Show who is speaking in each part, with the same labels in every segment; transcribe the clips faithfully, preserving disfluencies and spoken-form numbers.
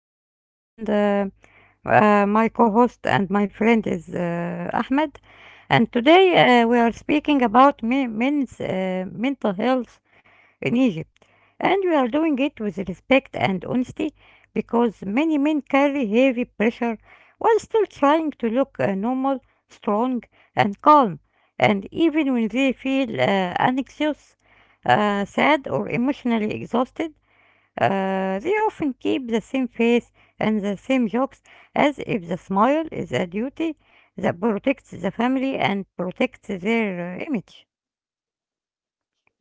Speaker 1: I'm Mohammed, and uh, uh, my co host and my friend is uh, Ahmed. And today, uh, we are speaking about me- men's uh, mental health in Egypt. And we are doing it with respect and honesty because many men carry heavy pressure while still trying to look uh, normal, strong, and calm. And even when they feel uh, anxious, uh, sad, or emotionally exhausted, uh, they often keep the same face and the same jokes as if the smile is a duty that protects the family and protects their uh, image.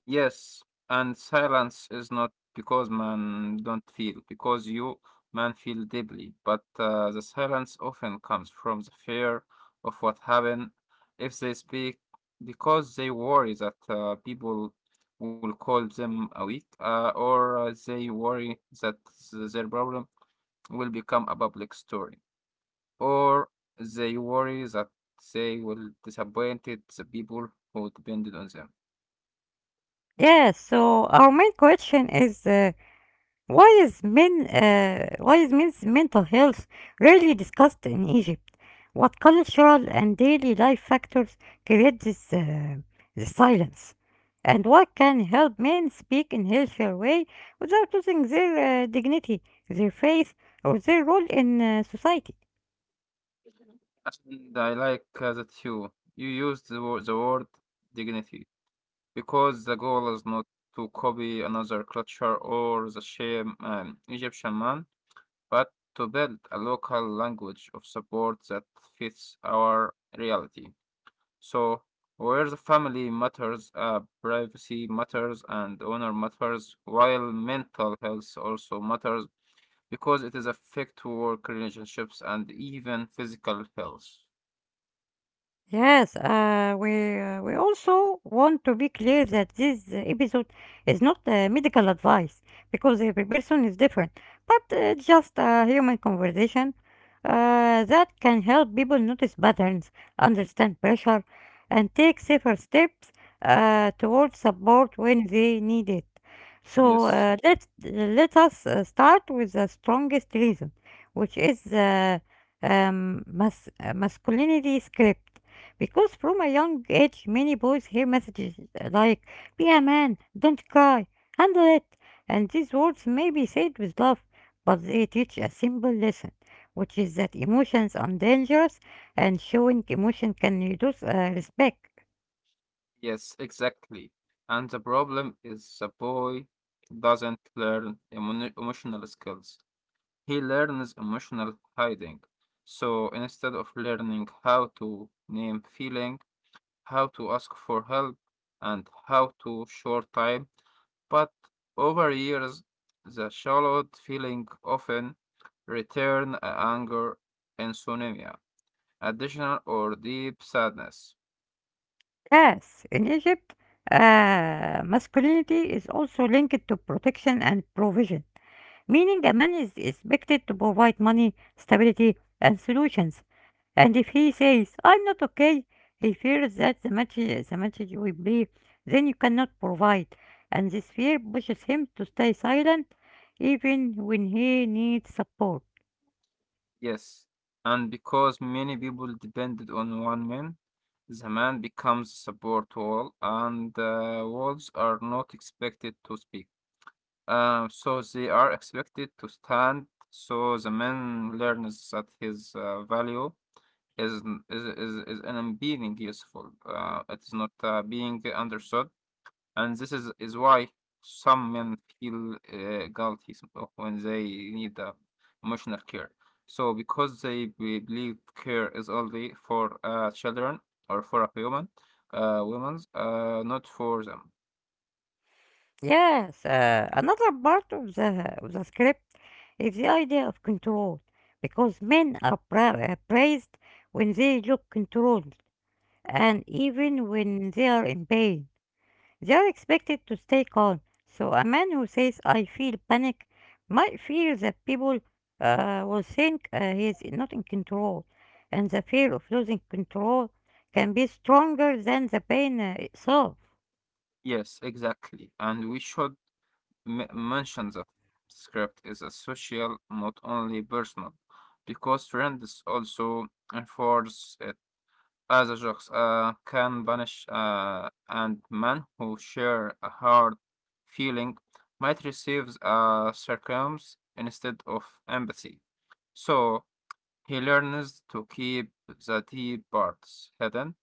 Speaker 2: Yes, and silence is not because man don't feel, because you man feel deeply, but uh, the silence often comes from the fear of what happened if they speak, because they worry that uh, people will call them a weak, uh, or uh, they worry that th- their problem will become a public story, or they worry that they will disappointed the people who depended on them.
Speaker 1: Yes, so our main question is, uh, Why is men uh, why is men's mental health rarely discussed in Egypt? What cultural and daily life factors create this, uh, this silence? And what can help men speak in healthier way without losing their uh, dignity, their faith, or their role in uh, society?
Speaker 2: And I like uh, that you you used the word, the word dignity because the goal is not to copy another culture or the same um, Egyptian man, but to build a local language of support that fits our reality. So where the family matters, uh, privacy matters, and honor matters, while mental health also matters because it is affect work relationships and even physical health.
Speaker 1: Yes, uh, we uh, we also want to be clear that this uh, episode is not uh, medical advice because every person is different, but uh, just a human conversation uh, that can help people notice patterns, understand pressure, and take safer steps uh, towards support when they need it. So
Speaker 2: Yes.
Speaker 1: uh, let let us uh, start with the strongest reason, which is uh, um, mas- uh, masculinity script, because from a young age, many boys hear messages like, be a man, don't cry, handle it. And these words may be said with love, but they teach a simple lesson, which is that emotions are dangerous and showing emotion can reduce uh, respect.
Speaker 2: Yes, exactly. And the problem is the boy doesn't learn emo- emotional skills. He learns emotional hiding. So instead of learning how to name feeling, how to ask for help, and how to short time, but over years, the shallowed feeling often return a anger, insomnia, additional or deep sadness.
Speaker 1: Yes, in Egypt, uh, masculinity is also linked to protection and provision, meaning a man is expected to provide money, stability, and solutions. And if he says, I'm not okay, he fears that the match, the match will be, then you cannot provide. And this fear pushes him to stay silent even when he needs support.
Speaker 2: Yes, and because many people depended on one man, the man becomes a support wall, and uh, walls are not expected to speak. Uh, so they are expected to stand. So the man learns that his uh, value is, is is is an being useful. Uh, it is not uh, being understood. And this is, is why some men feel uh, guilty s- when they need uh, emotional care. So, because they be- believe care is only for uh, children or for a woman, uh, women, uh, not for them.
Speaker 1: Yes, uh, another part of the, of the script is the idea of control. Because men are pra- uh, praised when they look controlled and even when they are in pain. They are expected to stay calm. So a man who says, I feel panic, might fear that people uh, will think uh, he is not in control. And the fear of losing control can be stronger than the pain uh, itself.
Speaker 2: Yes, exactly. And we should m- mention that script is a social, not only personal, because friends also enforce uh, As a jokes uh, can banish uh, and men who share a hard feeling might receive uh, circumstance instead of empathy. So he learns to keep the deep parts hidden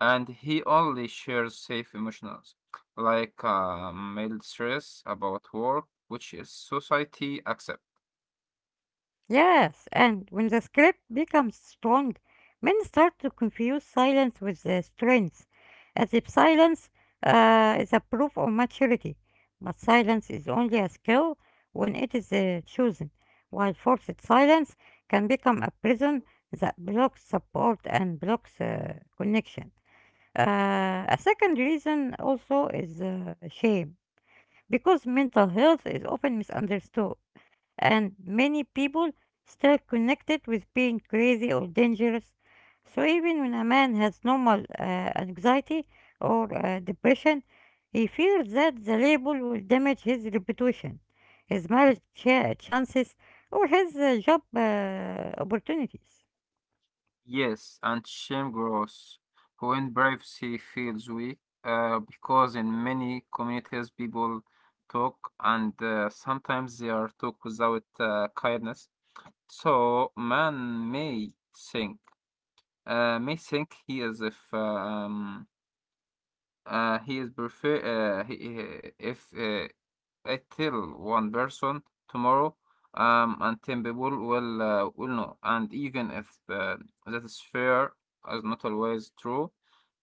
Speaker 2: and he only shares safe emotions like uh, mild stress about work, which is society accept.
Speaker 1: Yes, and when the script becomes strong, men start to confuse silence with the strength, as if silence uh, is a proof of maturity. But silence is only a skill when it is uh, chosen, while forced silence can become a prison that blocks support and blocks uh, connection. Uh, a second reason also is uh, shame, because mental health is often misunderstood and many people still connected with being crazy or dangerous. So even when a man has normal uh, anxiety or uh, depression, he fears that the label will damage his reputation, his marriage cha- chances, or his uh, job uh, opportunities.
Speaker 2: Yes, and shame grows when privacy feels weak, uh, because in many communities people talk and uh, sometimes they are talk without uh, kindness. So man may think, uh, may think he is if um, uh, he is prefer uh, he, he- if uh, I tell one person tomorrow, um, and ten people will uh, will know. And even if uh, that is fair, is not always true,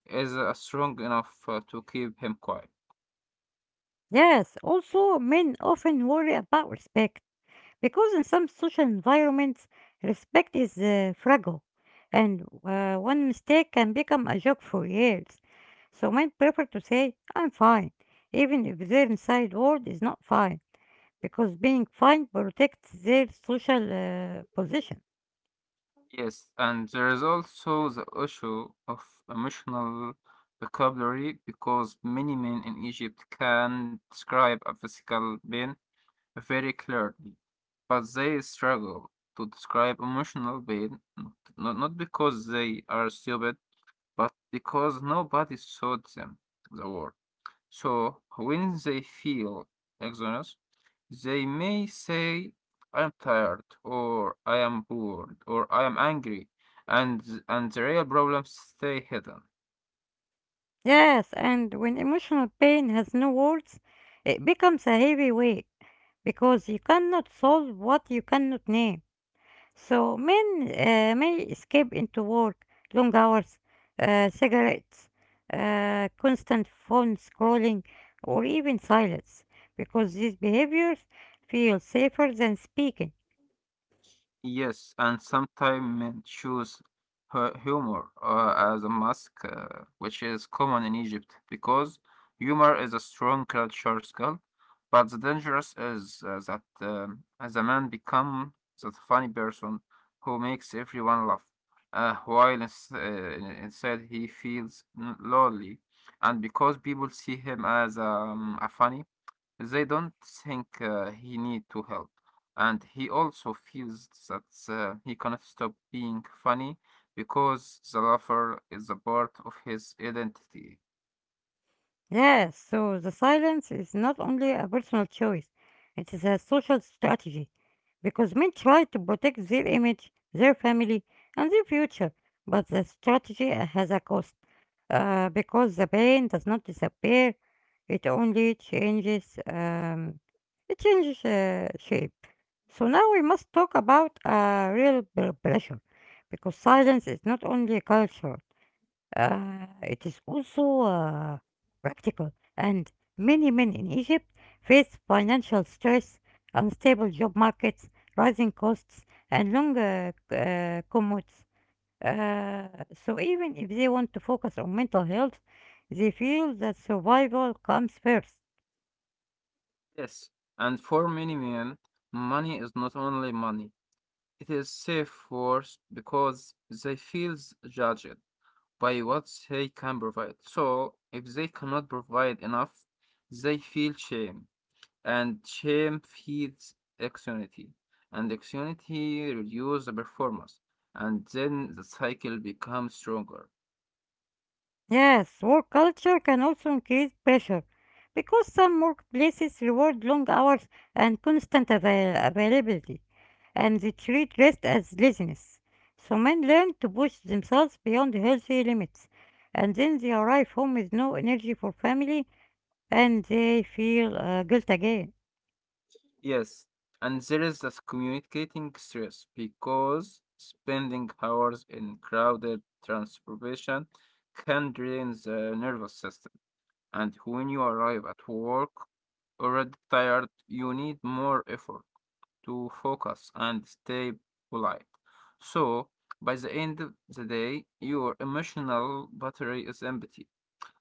Speaker 2: is uh, strong enough uh, to keep him quiet.
Speaker 1: Yes, also men often worry about respect, because in some social environments, respect is uh, fragile, and uh, one mistake can become a joke for years. So men prefer to say, I'm fine, even if their inside world is not fine, because being fine protects their social uh, position.
Speaker 2: Yes, and there is also the issue of emotional vocabulary because many men in Egypt can describe a physical pain very clearly. But they struggle to describe emotional pain, not, not because they are stupid, but because nobody taught them the word. So when they feel exhausted, they may say, "I'm tired," or "I am bored," or "I am angry," and th- and the real problems stay hidden.
Speaker 1: Yes, and when emotional pain has no words, it becomes a heavy weight, because you cannot solve what you cannot name. So men uh, may escape into work, long hours, uh, cigarettes, uh, constant phone scrolling, or even silence, because these behaviors feel safer than speaking.
Speaker 2: Yes, and sometimes choose hu- humor uh, as a mask, uh, which is common in Egypt because humor is a strong cultural skill. But the dangerous is uh, that um, as a man become that funny person who makes everyone laugh, uh, while ins- uh, inside he feels n- lonely, and because people see him as um, a funny they don't think uh, he need to help, and he also feels that uh, he cannot stop being funny because the laughter is a part of his identity.
Speaker 1: Yes, so the silence is not only a personal choice, it is a social strategy, because men try to protect their image, their family, and their future, but the strategy has a cost. Uh, because the pain does not disappear, it only changes um, it changes uh, shape. So now we must talk about uh, real pre- pressure, because silence is not only cultural; uh, it is also uh, practical. And many men in Egypt face financial stress, unstable job markets, rising costs, and long uh, c- uh, commutes. Uh, so even if they want to focus on mental health, they feel that survival comes first.
Speaker 2: Yes, and for many men, money is not only money. It is safe words because they feel judged by what they can provide. So if they cannot provide enough, they feel shame. And shame feeds anxiety, and anxiety reduces the performance, and then the cycle becomes stronger.
Speaker 1: Yes, work culture can also increase pressure because some workplaces reward long hours and constant avail- availability, and they treat rest as laziness. So men learn to push themselves beyond healthy limits, and then they arrive home with no energy for family and they feel uh, guilt again.
Speaker 2: Yes, and there is this communicating stress because spending hours in crowded transportation can drain the nervous system. And when you arrive at work already tired, you need more effort to focus and stay polite. So, by the end of the day, your emotional battery is empty,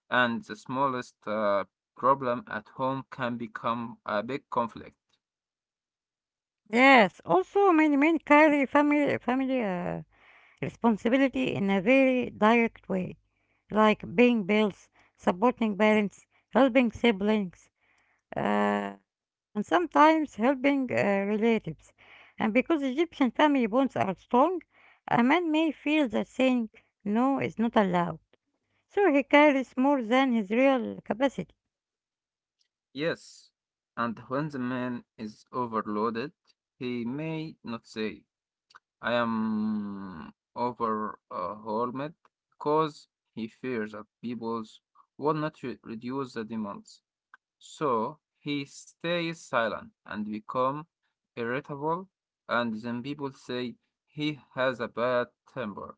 Speaker 2: and the smallest uh, problem at home can become a big conflict.
Speaker 1: Yes, also many men carry family family uh, responsibility in a very direct way, like paying bills, supporting parents, helping siblings, uh, and sometimes helping uh, relatives. And because Egyptian family bonds are strong, a man may feel that saying no is not allowed, so he carries more than his real capacity.
Speaker 2: Yes, and when the man is overloaded, he may not say, I am overwhelmed because he fears that people will not re- reduce the demands. So he stays silent and become irritable, and then people say he has a bad temper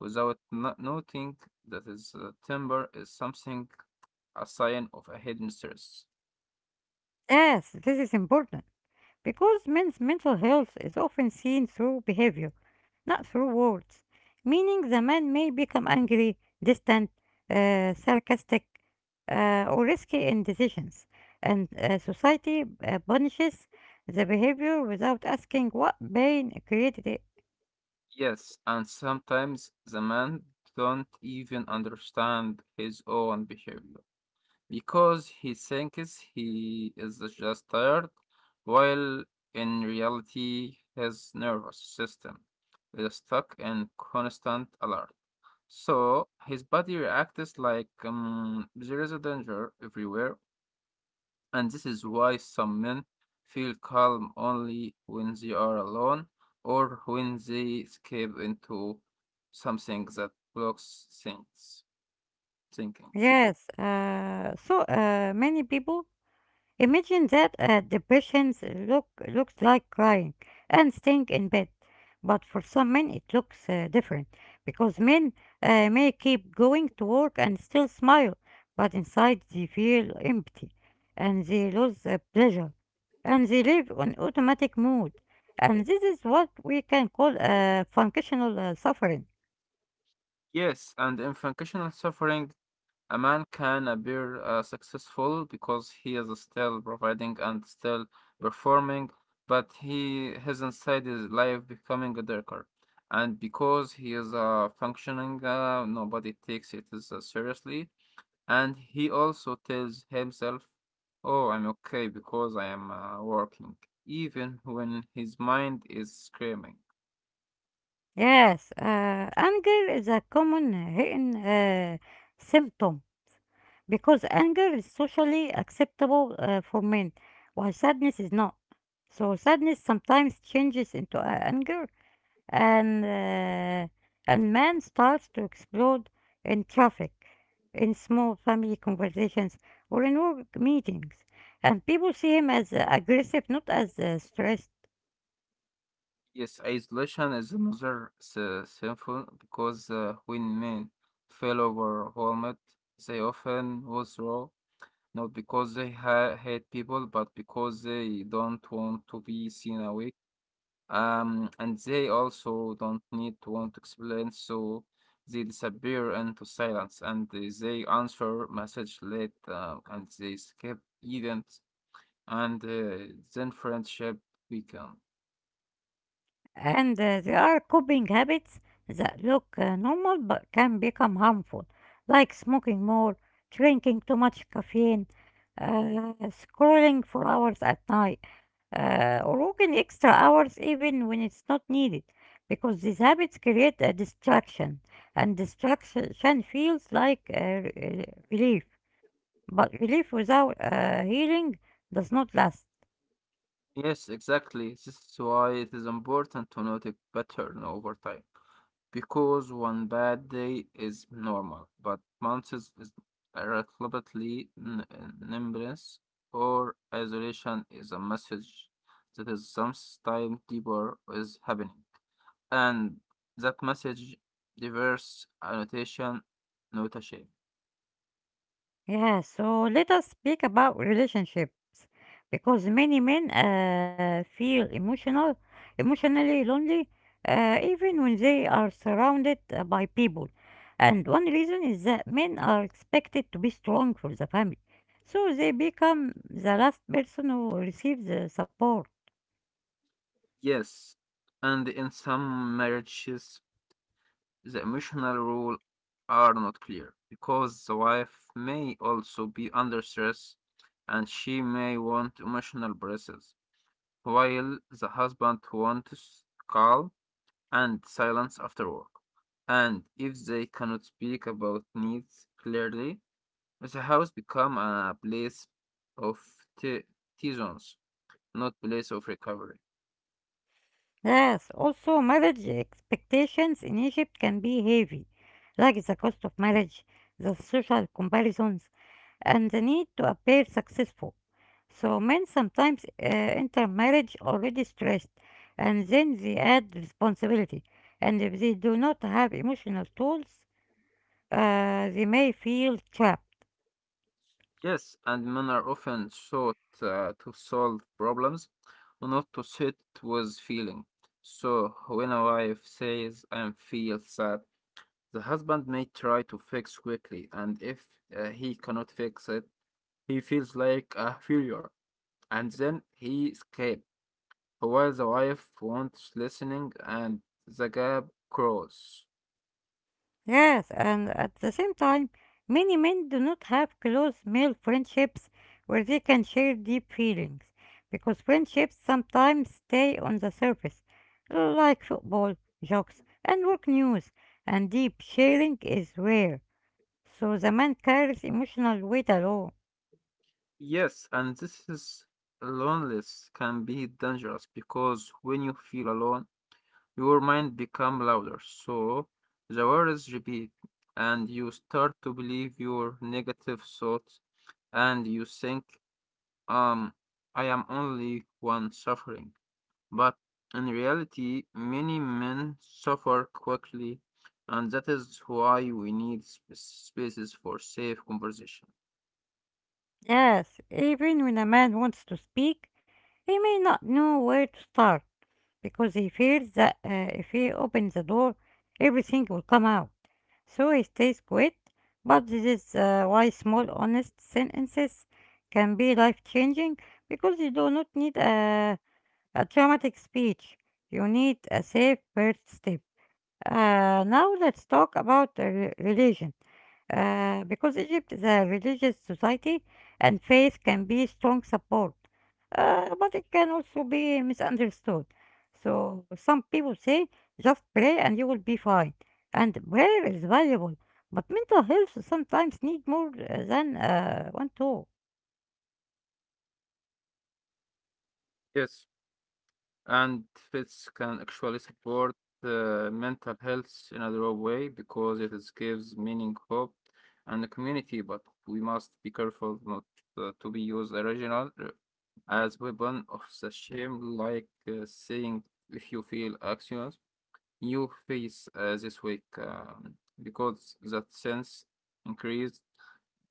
Speaker 2: without no- noting that his uh, temper is something a sign of a hidden stress.
Speaker 1: Yes, this is important because men's mental health is often seen through behavior not through words, meaning the man may become angry, distant, uh, sarcastic, uh, or risky in decisions, and uh, society uh, punishes the behavior without asking what pain created it.
Speaker 2: Yes, and sometimes the man don't even understand his own behavior, because he thinks he is just tired, while in reality, his nervous system is stuck in constant alert. So his body reacts like um, there is a danger everywhere, and this is why some men feel calm only when they are alone or when they escape into something that blocks things thinking.
Speaker 1: Yes, uh, so uh, many people imagine that uh, the patients look looks like crying and staying in bed, but for some men it looks uh, different because men uh, may keep going to work and still smile, but inside they feel empty and they lose uh, pleasure and they live on automatic mode, and this is what we can call uh, functional uh, suffering.
Speaker 2: Yes, and in functional suffering, a man can appear uh, successful because he is still providing and still performing, but he his inside his life becoming darker. And because he is uh, functioning, uh, nobody takes it as, uh, seriously. And he also tells himself, "Oh, I'm okay because I am uh, working," even when his mind is screaming.
Speaker 1: Yes, uh, anger is a common hidden uh, symptom, because anger is socially acceptable uh, for men, while sadness is not. So sadness sometimes changes into a- anger, and uh, and man starts to explode in traffic, in small family conversations, or in work meetings. And people see him as uh, aggressive, not as uh, stressed.
Speaker 2: Yes, isolation is another s- sinful because uh, when men feel overwhelmed, they often withdraw, not because they ha hate people, but because they don't want to be seen away. Um, and they also don't need to want to explain, so they disappear into silence and they they answer message late uh, and they skip events and uh, then friendship weaken.
Speaker 1: and uh, there are coping habits that look uh, normal but can become harmful, like smoking more, drinking too much caffeine, uh, scrolling for hours at night, uh, or working extra hours even when it's not needed, because these habits create a distraction, and distraction feels like uh, re- relief, but relief without uh, healing does not last.
Speaker 2: Yes, exactly. This is why it is important to note a pattern over time. Because one bad day is normal, but months is is irrelevantly n- n- numbness or isolation is a message that is sometimes deeper is happening. And that message diverse annotation, not a shape.
Speaker 1: Yeah, so let us speak about relationships because many men uh, feel emotional, emotionally lonely, uh, even when they are surrounded uh, by people. And one reason is that men are expected to be strong for the family, so they become the last person who receives the support.
Speaker 2: Yes. And in some marriages, the emotional rules are not clear because the wife may also be under stress and she may want emotional breaks, while the husband wants calm and silence after work. And if they cannot speak about needs clearly, the house becomes a place of te- tensions, not place of recovery.
Speaker 1: Yes, also marriage expectations in Egypt can be heavy, like the cost of marriage, the social comparisons and the need to appear successful. So men sometimes uh, enter marriage already stressed and then they add responsibility. And if they do not have emotional tools, uh, they may feel trapped.
Speaker 2: Yes, and men are often sought uh, to solve problems, not to sit with feeling. So when a wife says I feel sad, the husband may try to fix quickly, and if uh, he cannot fix it, he feels like a failure, and then he escapes. While the wife wants listening, and the gap grows.
Speaker 1: Yes, and at the same time, many men do not have close male friendships where they can share deep feelings because friendships sometimes stay on the surface, like football, jokes, and work news, and deep sharing is rare. So the man carries emotional weight alone.
Speaker 2: Yes, and this is loneliness can be dangerous because when you feel alone, your mind become louder, so the words repeat, and you start to believe your negative thoughts, and you think, um, I am only one suffering. But in reality, many men suffer quickly, and that is why we need sp- spaces for safe conversation.
Speaker 1: Yes, even when a man wants to speak, he may not know where to start because he fears that uh, if he opens the door, everything will come out. So he stays quiet, but this is uh, why small, honest sentences can be life changing because you do not need a, a dramatic speech, you need a safe first step. Uh, now let's talk about uh, re- religion uh, because Egypt is a religious society and faith can be strong support, uh, but it can also be misunderstood. So some people say just pray and you will be fine, and prayer is valuable, but mental health sometimes need more uh, than uh, one tool.
Speaker 2: Yes, and fits can actually support uh, mental health in a real way because it is gives meaning, hope, and a community. But we must be careful not uh, to be used original uh, as weapon of the shame, like uh, saying if you feel anxious, you face uh, this week, um, because that sense increased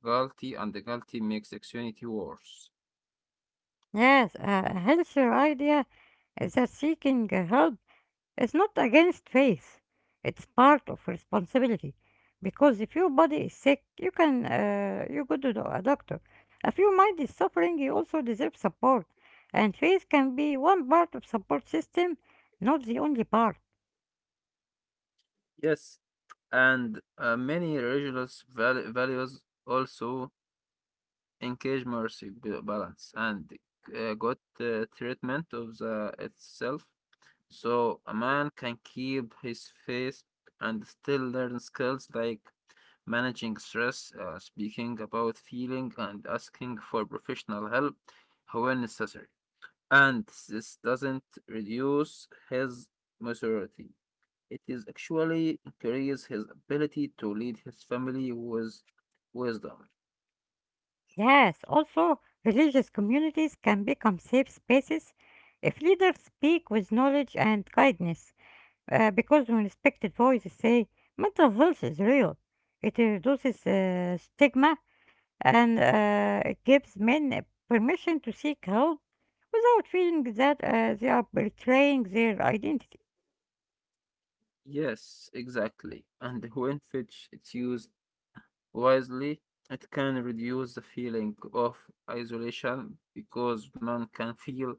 Speaker 2: guilty, and the guilty makes anxiety worse.
Speaker 1: Yes, a healthier idea is that seeking uh, help, it's not against faith, it's part of responsibility. Because if your body is sick, you can uh, you go to the- a doctor. If your mind is suffering, you also deserve support. And faith can be one part of support system, not the only part.
Speaker 2: Yes, and uh, many religious val- values also encourage mercy, ba- balance, and uh, good uh, treatment of the itself. So a man can keep his faith and still learn skills like managing stress, uh, speaking about feeling, and asking for professional help when necessary. And this doesn't reduce his maturity. It is actually increase his ability to lead his family with wisdom.
Speaker 1: Yes, also religious communities can become safe spaces if leaders speak with knowledge and kindness. Uh, because when respected voices say mental health is real, it reduces uh, stigma and uh, it gives men permission to seek help without feeling that uh, they are betraying their identity.
Speaker 2: Yes, exactly. And when Fitch is used wisely, it can reduce the feeling of isolation because man can feel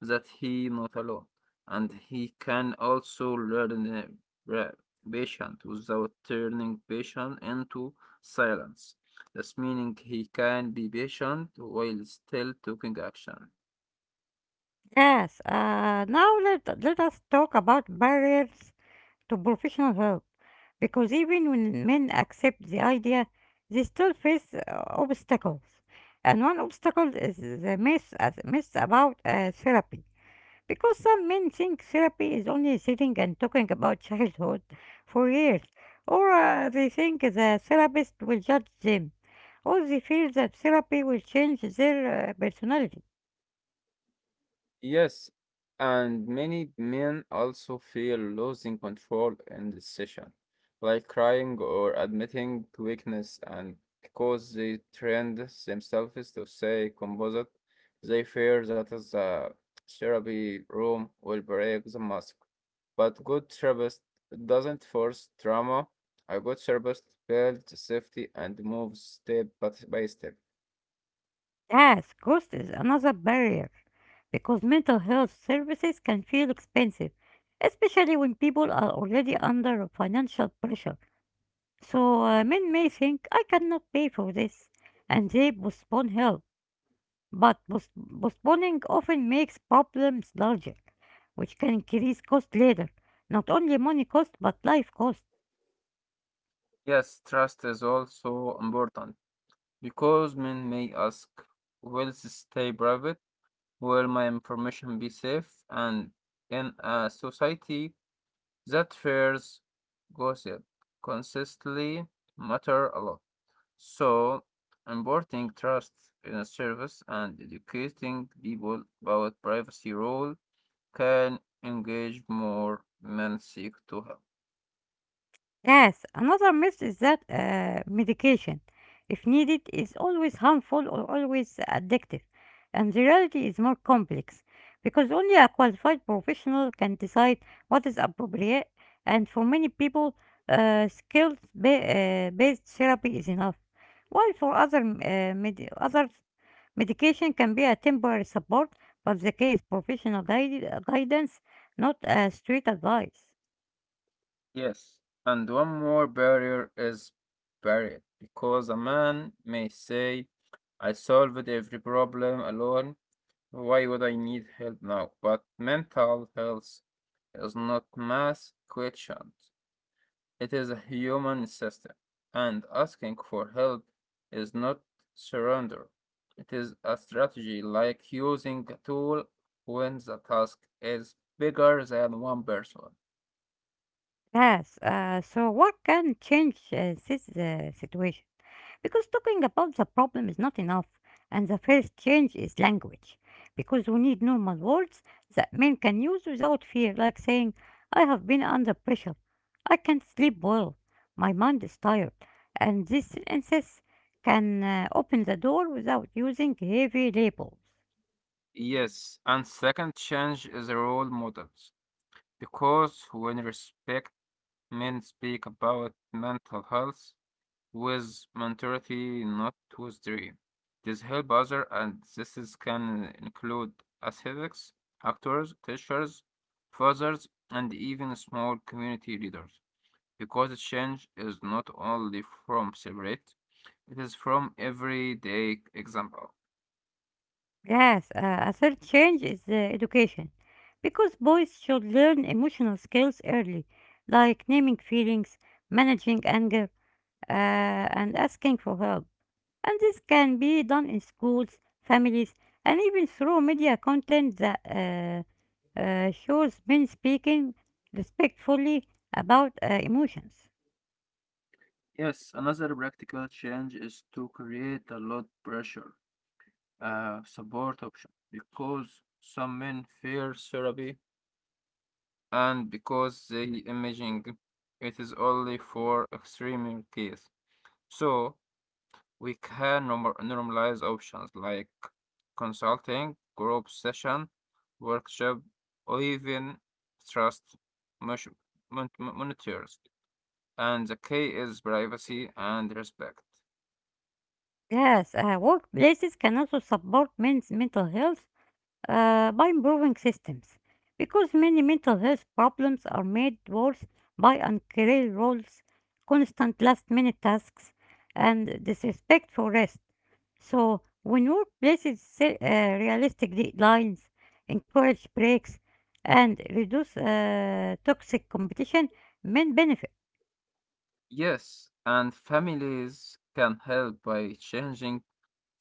Speaker 2: that he not alone, and he can also learn uh, ra- patient without turning patient into silence. That's meaning he can be patient while still taking action.
Speaker 1: Yes, uh, now let, let us talk about barriers to professional help because even when men accept the idea, they still face uh, obstacles. And one obstacle is the myth, uh, myth about uh, therapy, because some men think therapy is only sitting and talking about childhood for years, or uh, they think the therapist will judge them, or they feel that therapy will change their uh, personality.
Speaker 2: Yes, and many men also feel losing control in this session, like crying or admitting to weakness, and because they trained themselves to say composite, they fear that is the therapy room will break the mask. But good therapist doesn't force trauma. A good therapist builds safety and moves step but by step.
Speaker 1: Yes, cost is another barrier because mental health services can feel expensive, especially when people are already under financial pressure. So uh, men may think, I cannot pay for this, and they postpone help. But pos- postponing often makes problems larger, which can increase cost later. Not only money cost, but life cost.
Speaker 2: Yes, trust is also important because men may ask, will this stay private? Will my information be safe? And in a society that fears gossip, consistently matter a lot. So, imparting trust in a service and educating people about privacy role can engage more men seek to help.
Speaker 1: Yes, another myth is that uh, medication, if needed, is always harmful or always addictive. And the reality is more complex because only a qualified professional can decide what is appropriate. And for many people, uh, skills ba- uh, based therapy is enough. While for other, uh, med- others, medication can be a temporary support, but the case professional guide- guidance, not a straight advice.
Speaker 2: Yes, and one more barrier is barrier because a man may say, I solved every problem alone. Why would I need help now? But mental health is not math questions. It is a human system, and asking for help is not surrender. It is a strategy like using a tool when the task is bigger than one person.
Speaker 1: Yes, uh, so what can change uh, this uh, situation? Because talking about the problem is not enough, and the first change is language. Because we need normal words that men can use without fear, like saying, I have been under pressure, I can't sleep well, my mind is tired. And these sentences can uh, open the door without using heavy labels.
Speaker 2: Yes, and second change is the role models. Because when respect men speak about mental health with mentality, not with dream. This help other and this is can include athletes, actors, teachers, fathers, and even small community leaders. Because the change is not only from separate, it is from everyday example.
Speaker 1: Yes, uh, a third change is uh, education. Because boys should learn emotional skills early, like naming feelings, managing anger, uh, and asking for help. And this can be done in schools, families, and even through media content that uh, uh, shows men speaking respectfully about uh, emotions.
Speaker 2: Yes, another practical change is to create a low pressure uh, support option because some men fear therapy and because they imagine it is only for extreme case. So we can norm- normalize options like consulting, group session, workshop, or even trust mon- mon- monitors. And the key is privacy and respect.
Speaker 1: Yes, uh, workplaces can also support men's mental health uh, by improving systems because many mental health problems are made worse by unclear roles, constant last minute tasks, and disrespect for rest. So, when workplaces set uh, realistic deadlines, encourage breaks, and reduce uh, toxic competition, men benefit.
Speaker 2: Yes, and families can help by changing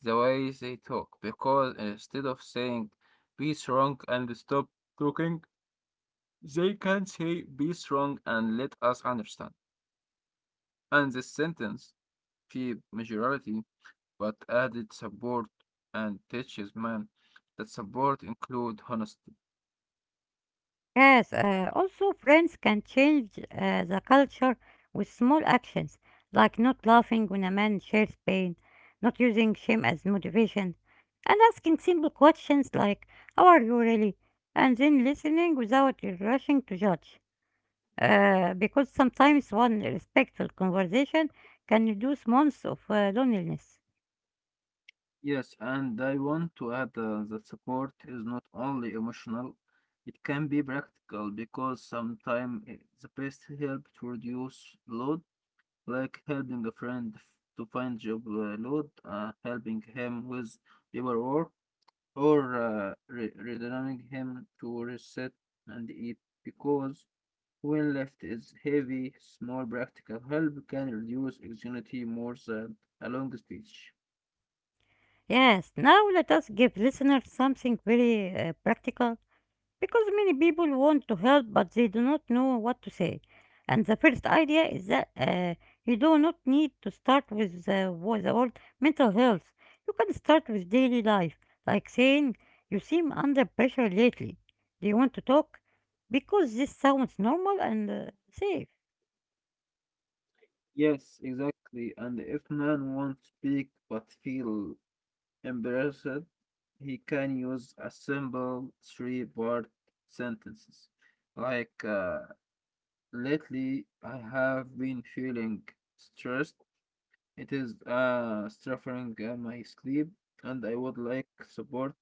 Speaker 2: the way they talk because instead of saying be strong and stop talking, they can say be strong and let us understand. And this sentence keep majority but added support and teaches man that support include honesty.
Speaker 1: Yes, uh, also friends can change uh, the culture with small actions, like not laughing when a man shares pain, not using shame as motivation, and asking simple questions like, how are you really? And then listening without rushing to judge. Uh, because sometimes one respectful conversation can reduce months of uh, loneliness.
Speaker 2: Yes, and I want to add uh, that support is not only emotional, it can be practical because sometimes the best help to reduce load, like helping a friend f- to find job uh, load, uh, helping him with paperwork, or uh, re returning him to reset and eat. Because when left is heavy, small practical help can reduce anxiety more than a long speech.
Speaker 1: Yes, now let us give listeners something very uh, practical. Because many people want to help, but they do not know what to say. And the first idea is that uh, you do not need to start with the, with the word mental health. You can start with daily life, like saying, you seem under pressure lately. Do you want to talk? Because this sounds normal and uh, safe.
Speaker 2: Yes, exactly. And if man won't speak but feel embarrassed, he can use a simple three-part sentences. Like, uh, lately I have been feeling stressed. It is uh suffering uh, my sleep, and I would like support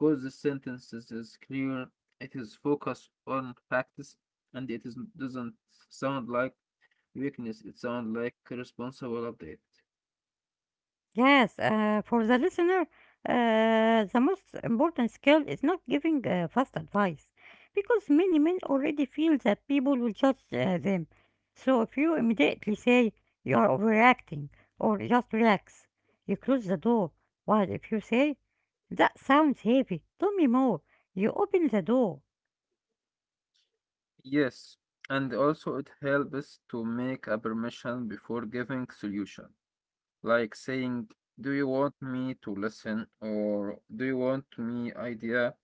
Speaker 2: because the sentence is is clear. It is focused on facts, and it is doesn't sound like weakness. It sounds like a responsible update.
Speaker 1: Yes, uh, for the listener, uh, the most important skill is not giving uh, fast advice because many men already feel that people will judge uh, them. So if you immediately say you are overreacting or just relax, you close the door. While if you say that sounds heavy, tell me more, you open the door.
Speaker 2: Yes, and also it helps to make a permission before giving solution, like saying, "Do you want me to listen?" or "Do you want me idea?"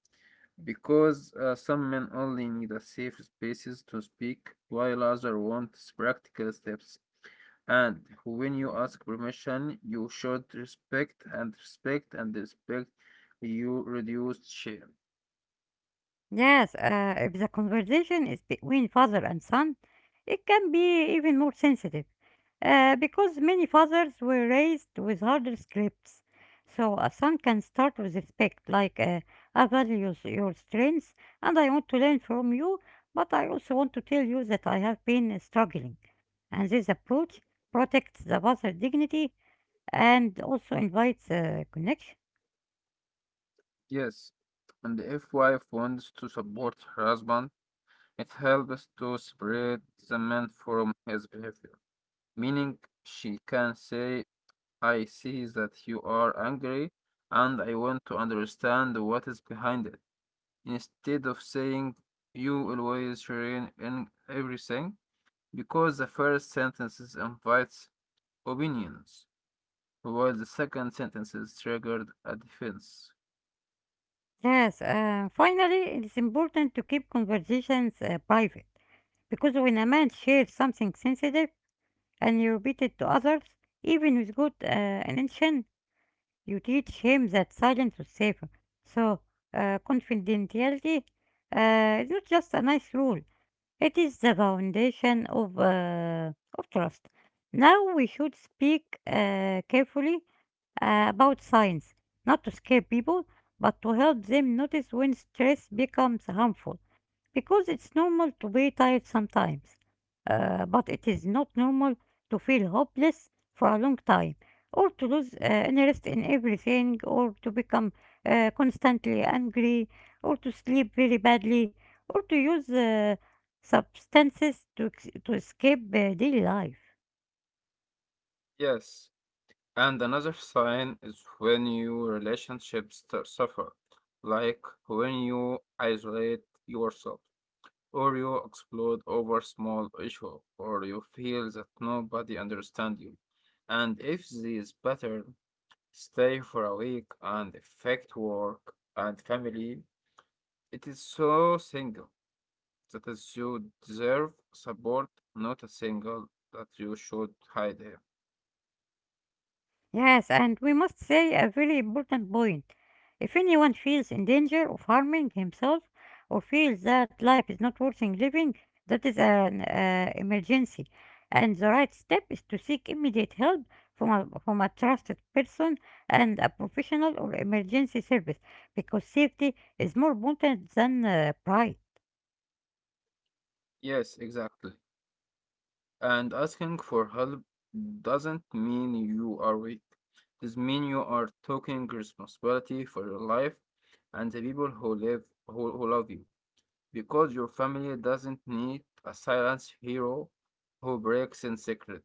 Speaker 2: Because uh, some men only need a safe spaces to speak, while others want practical steps. And when you ask permission, you should respect and respect and respect. You reduce shame.
Speaker 1: Yes, uh, if the conversation is between father and son, it can be even more sensitive uh, because many fathers were raised with harder scripts. So a son can start with respect, like uh, I value s- your strengths and I want to learn from you, but I also want to tell you that I have been uh, struggling. And this approach protects the father's dignity and also invites uh, connection.
Speaker 2: Yes, and if wife wants to support her husband, it helps to spread the man from his behavior, meaning she can say, I see that you are angry and I want to understand what is behind it. Instead of saying, you always ruin in everything, because the first sentence invites opinions, while the second sentence triggers a defense.
Speaker 1: Yes, uh, finally, it is important to keep conversations uh, private. Because when a man shares something sensitive and you repeat it to others, even with good uh, intention, you teach him that silence is safer. So, uh, confidentiality uh, is not just a nice rule, it is the foundation of, uh, of trust. Now, we should speak uh, carefully uh, about science, not to scare people, but to help them notice when stress becomes harmful because it's normal to be tired sometimes, uh, but it is not normal to feel hopeless for a long time or to lose uh, interest in everything or to become uh, constantly angry or to sleep very badly or to use uh, substances to, ex- to escape uh, daily life.
Speaker 2: Yes, and another sign is when your relationships st- suffer, like when you isolate yourself, or you explode over small issue, or you feel that nobody understands you. And if these patterns stay for a week and affect work and family, it is so single that is you deserve support, not a single that you should hide him.
Speaker 1: Yes, and we must say a very important point. If anyone feels in danger of harming himself or feels that life is not worth living, that is an uh, emergency. And the right step is to seek immediate help from a, from a trusted person and a professional or emergency service because safety is more important than uh, pride.
Speaker 2: Yes, exactly. And asking for help doesn't mean you are weak. This means you are taking responsibility for your life and the people who live who, who love you. Because your family doesn't need a silent hero who breaks in secret.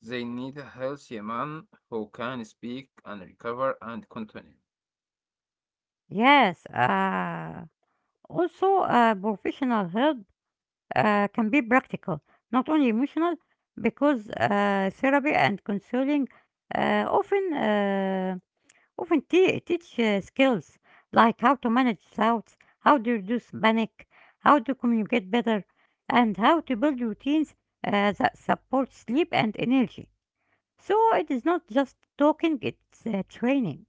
Speaker 2: They need a healthy man who can speak and recover and continue.
Speaker 1: Yes, uh, also uh, professional help uh, can be practical, not only emotional, because uh, therapy and counseling uh, often uh, often te- teach uh, skills like how to manage doubts, how to reduce panic, how to communicate better, and how to build routines uh, that support sleep and energy. So it is not just talking; it's uh, training.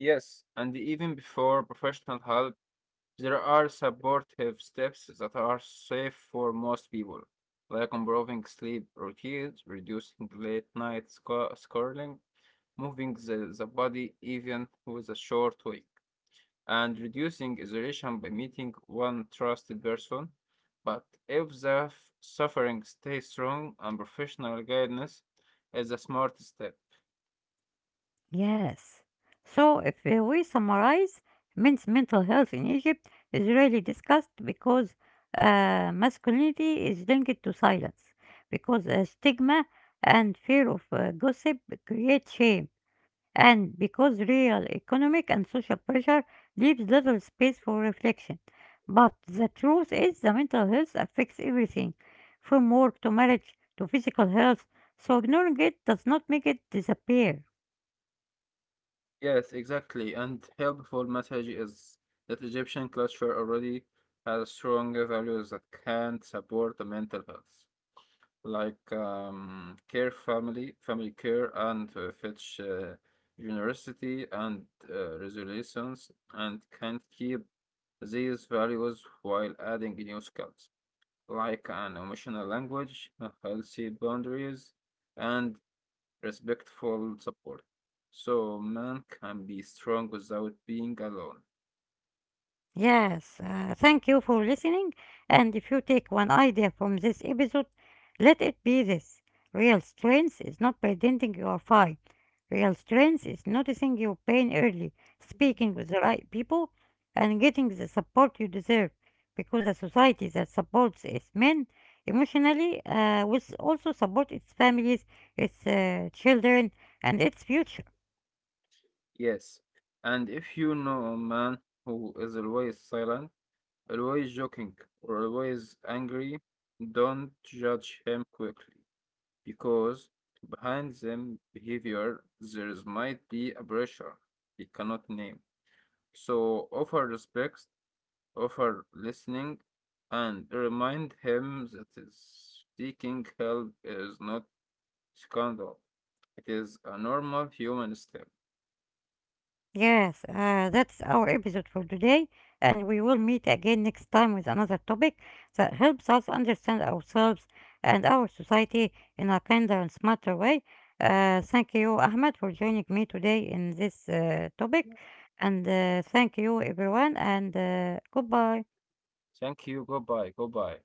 Speaker 2: Yes, and even before professional help, there are supportive steps that are safe for most people, like improving sleep routines, reducing late night scrolling, moving the, the body even with a short week, and reducing isolation by meeting one trusted person. But if the f- suffering stays strong, and professional guidance is a smart step.
Speaker 1: Yes. So, if uh, we summarize, men's mental health in Egypt is rarely discussed because uh, masculinity is linked to silence, because uh, stigma and fear of uh, gossip create shame, and because real economic and social pressure leaves little space for reflection. But the truth is, the mental health affects everything, from work to marriage to physical health, so ignoring it does not make it disappear.
Speaker 2: Yes, exactly. And helpful message is that Egyptian culture already has strong values that can support the mental health, like um, care, family, family care, and uh, fetch uh, generosity and uh, resilience, and can keep these values while adding new skills, like an emotional language, uh, healthy boundaries, and respectful support. So man can be strong without being alone.
Speaker 1: Yes, uh, thank you for listening. And if you take one idea from this episode, let it be this: real strength is not pretending you are fine. Real strength is noticing your pain early, speaking with the right people, and getting the support you deserve. Because a society that supports its men emotionally uh, will also support its families, its uh, children, and its future.
Speaker 2: Yes. And if you know a man who is always silent, always joking, or always angry, don't judge him quickly because behind them behavior there is might be a pressure we cannot name. So offer respect, offer listening, and remind him that is seeking help is not Scandal. It is a normal human step.
Speaker 1: Yes, uh, that's our episode for today, and we will meet again next time with another topic that helps us understand ourselves and our society in a kinder and smarter way. Uh, thank you, Ahmed, for joining me today in this uh, topic, and uh, thank you, everyone, and uh, goodbye.
Speaker 2: Thank you. Goodbye. Goodbye.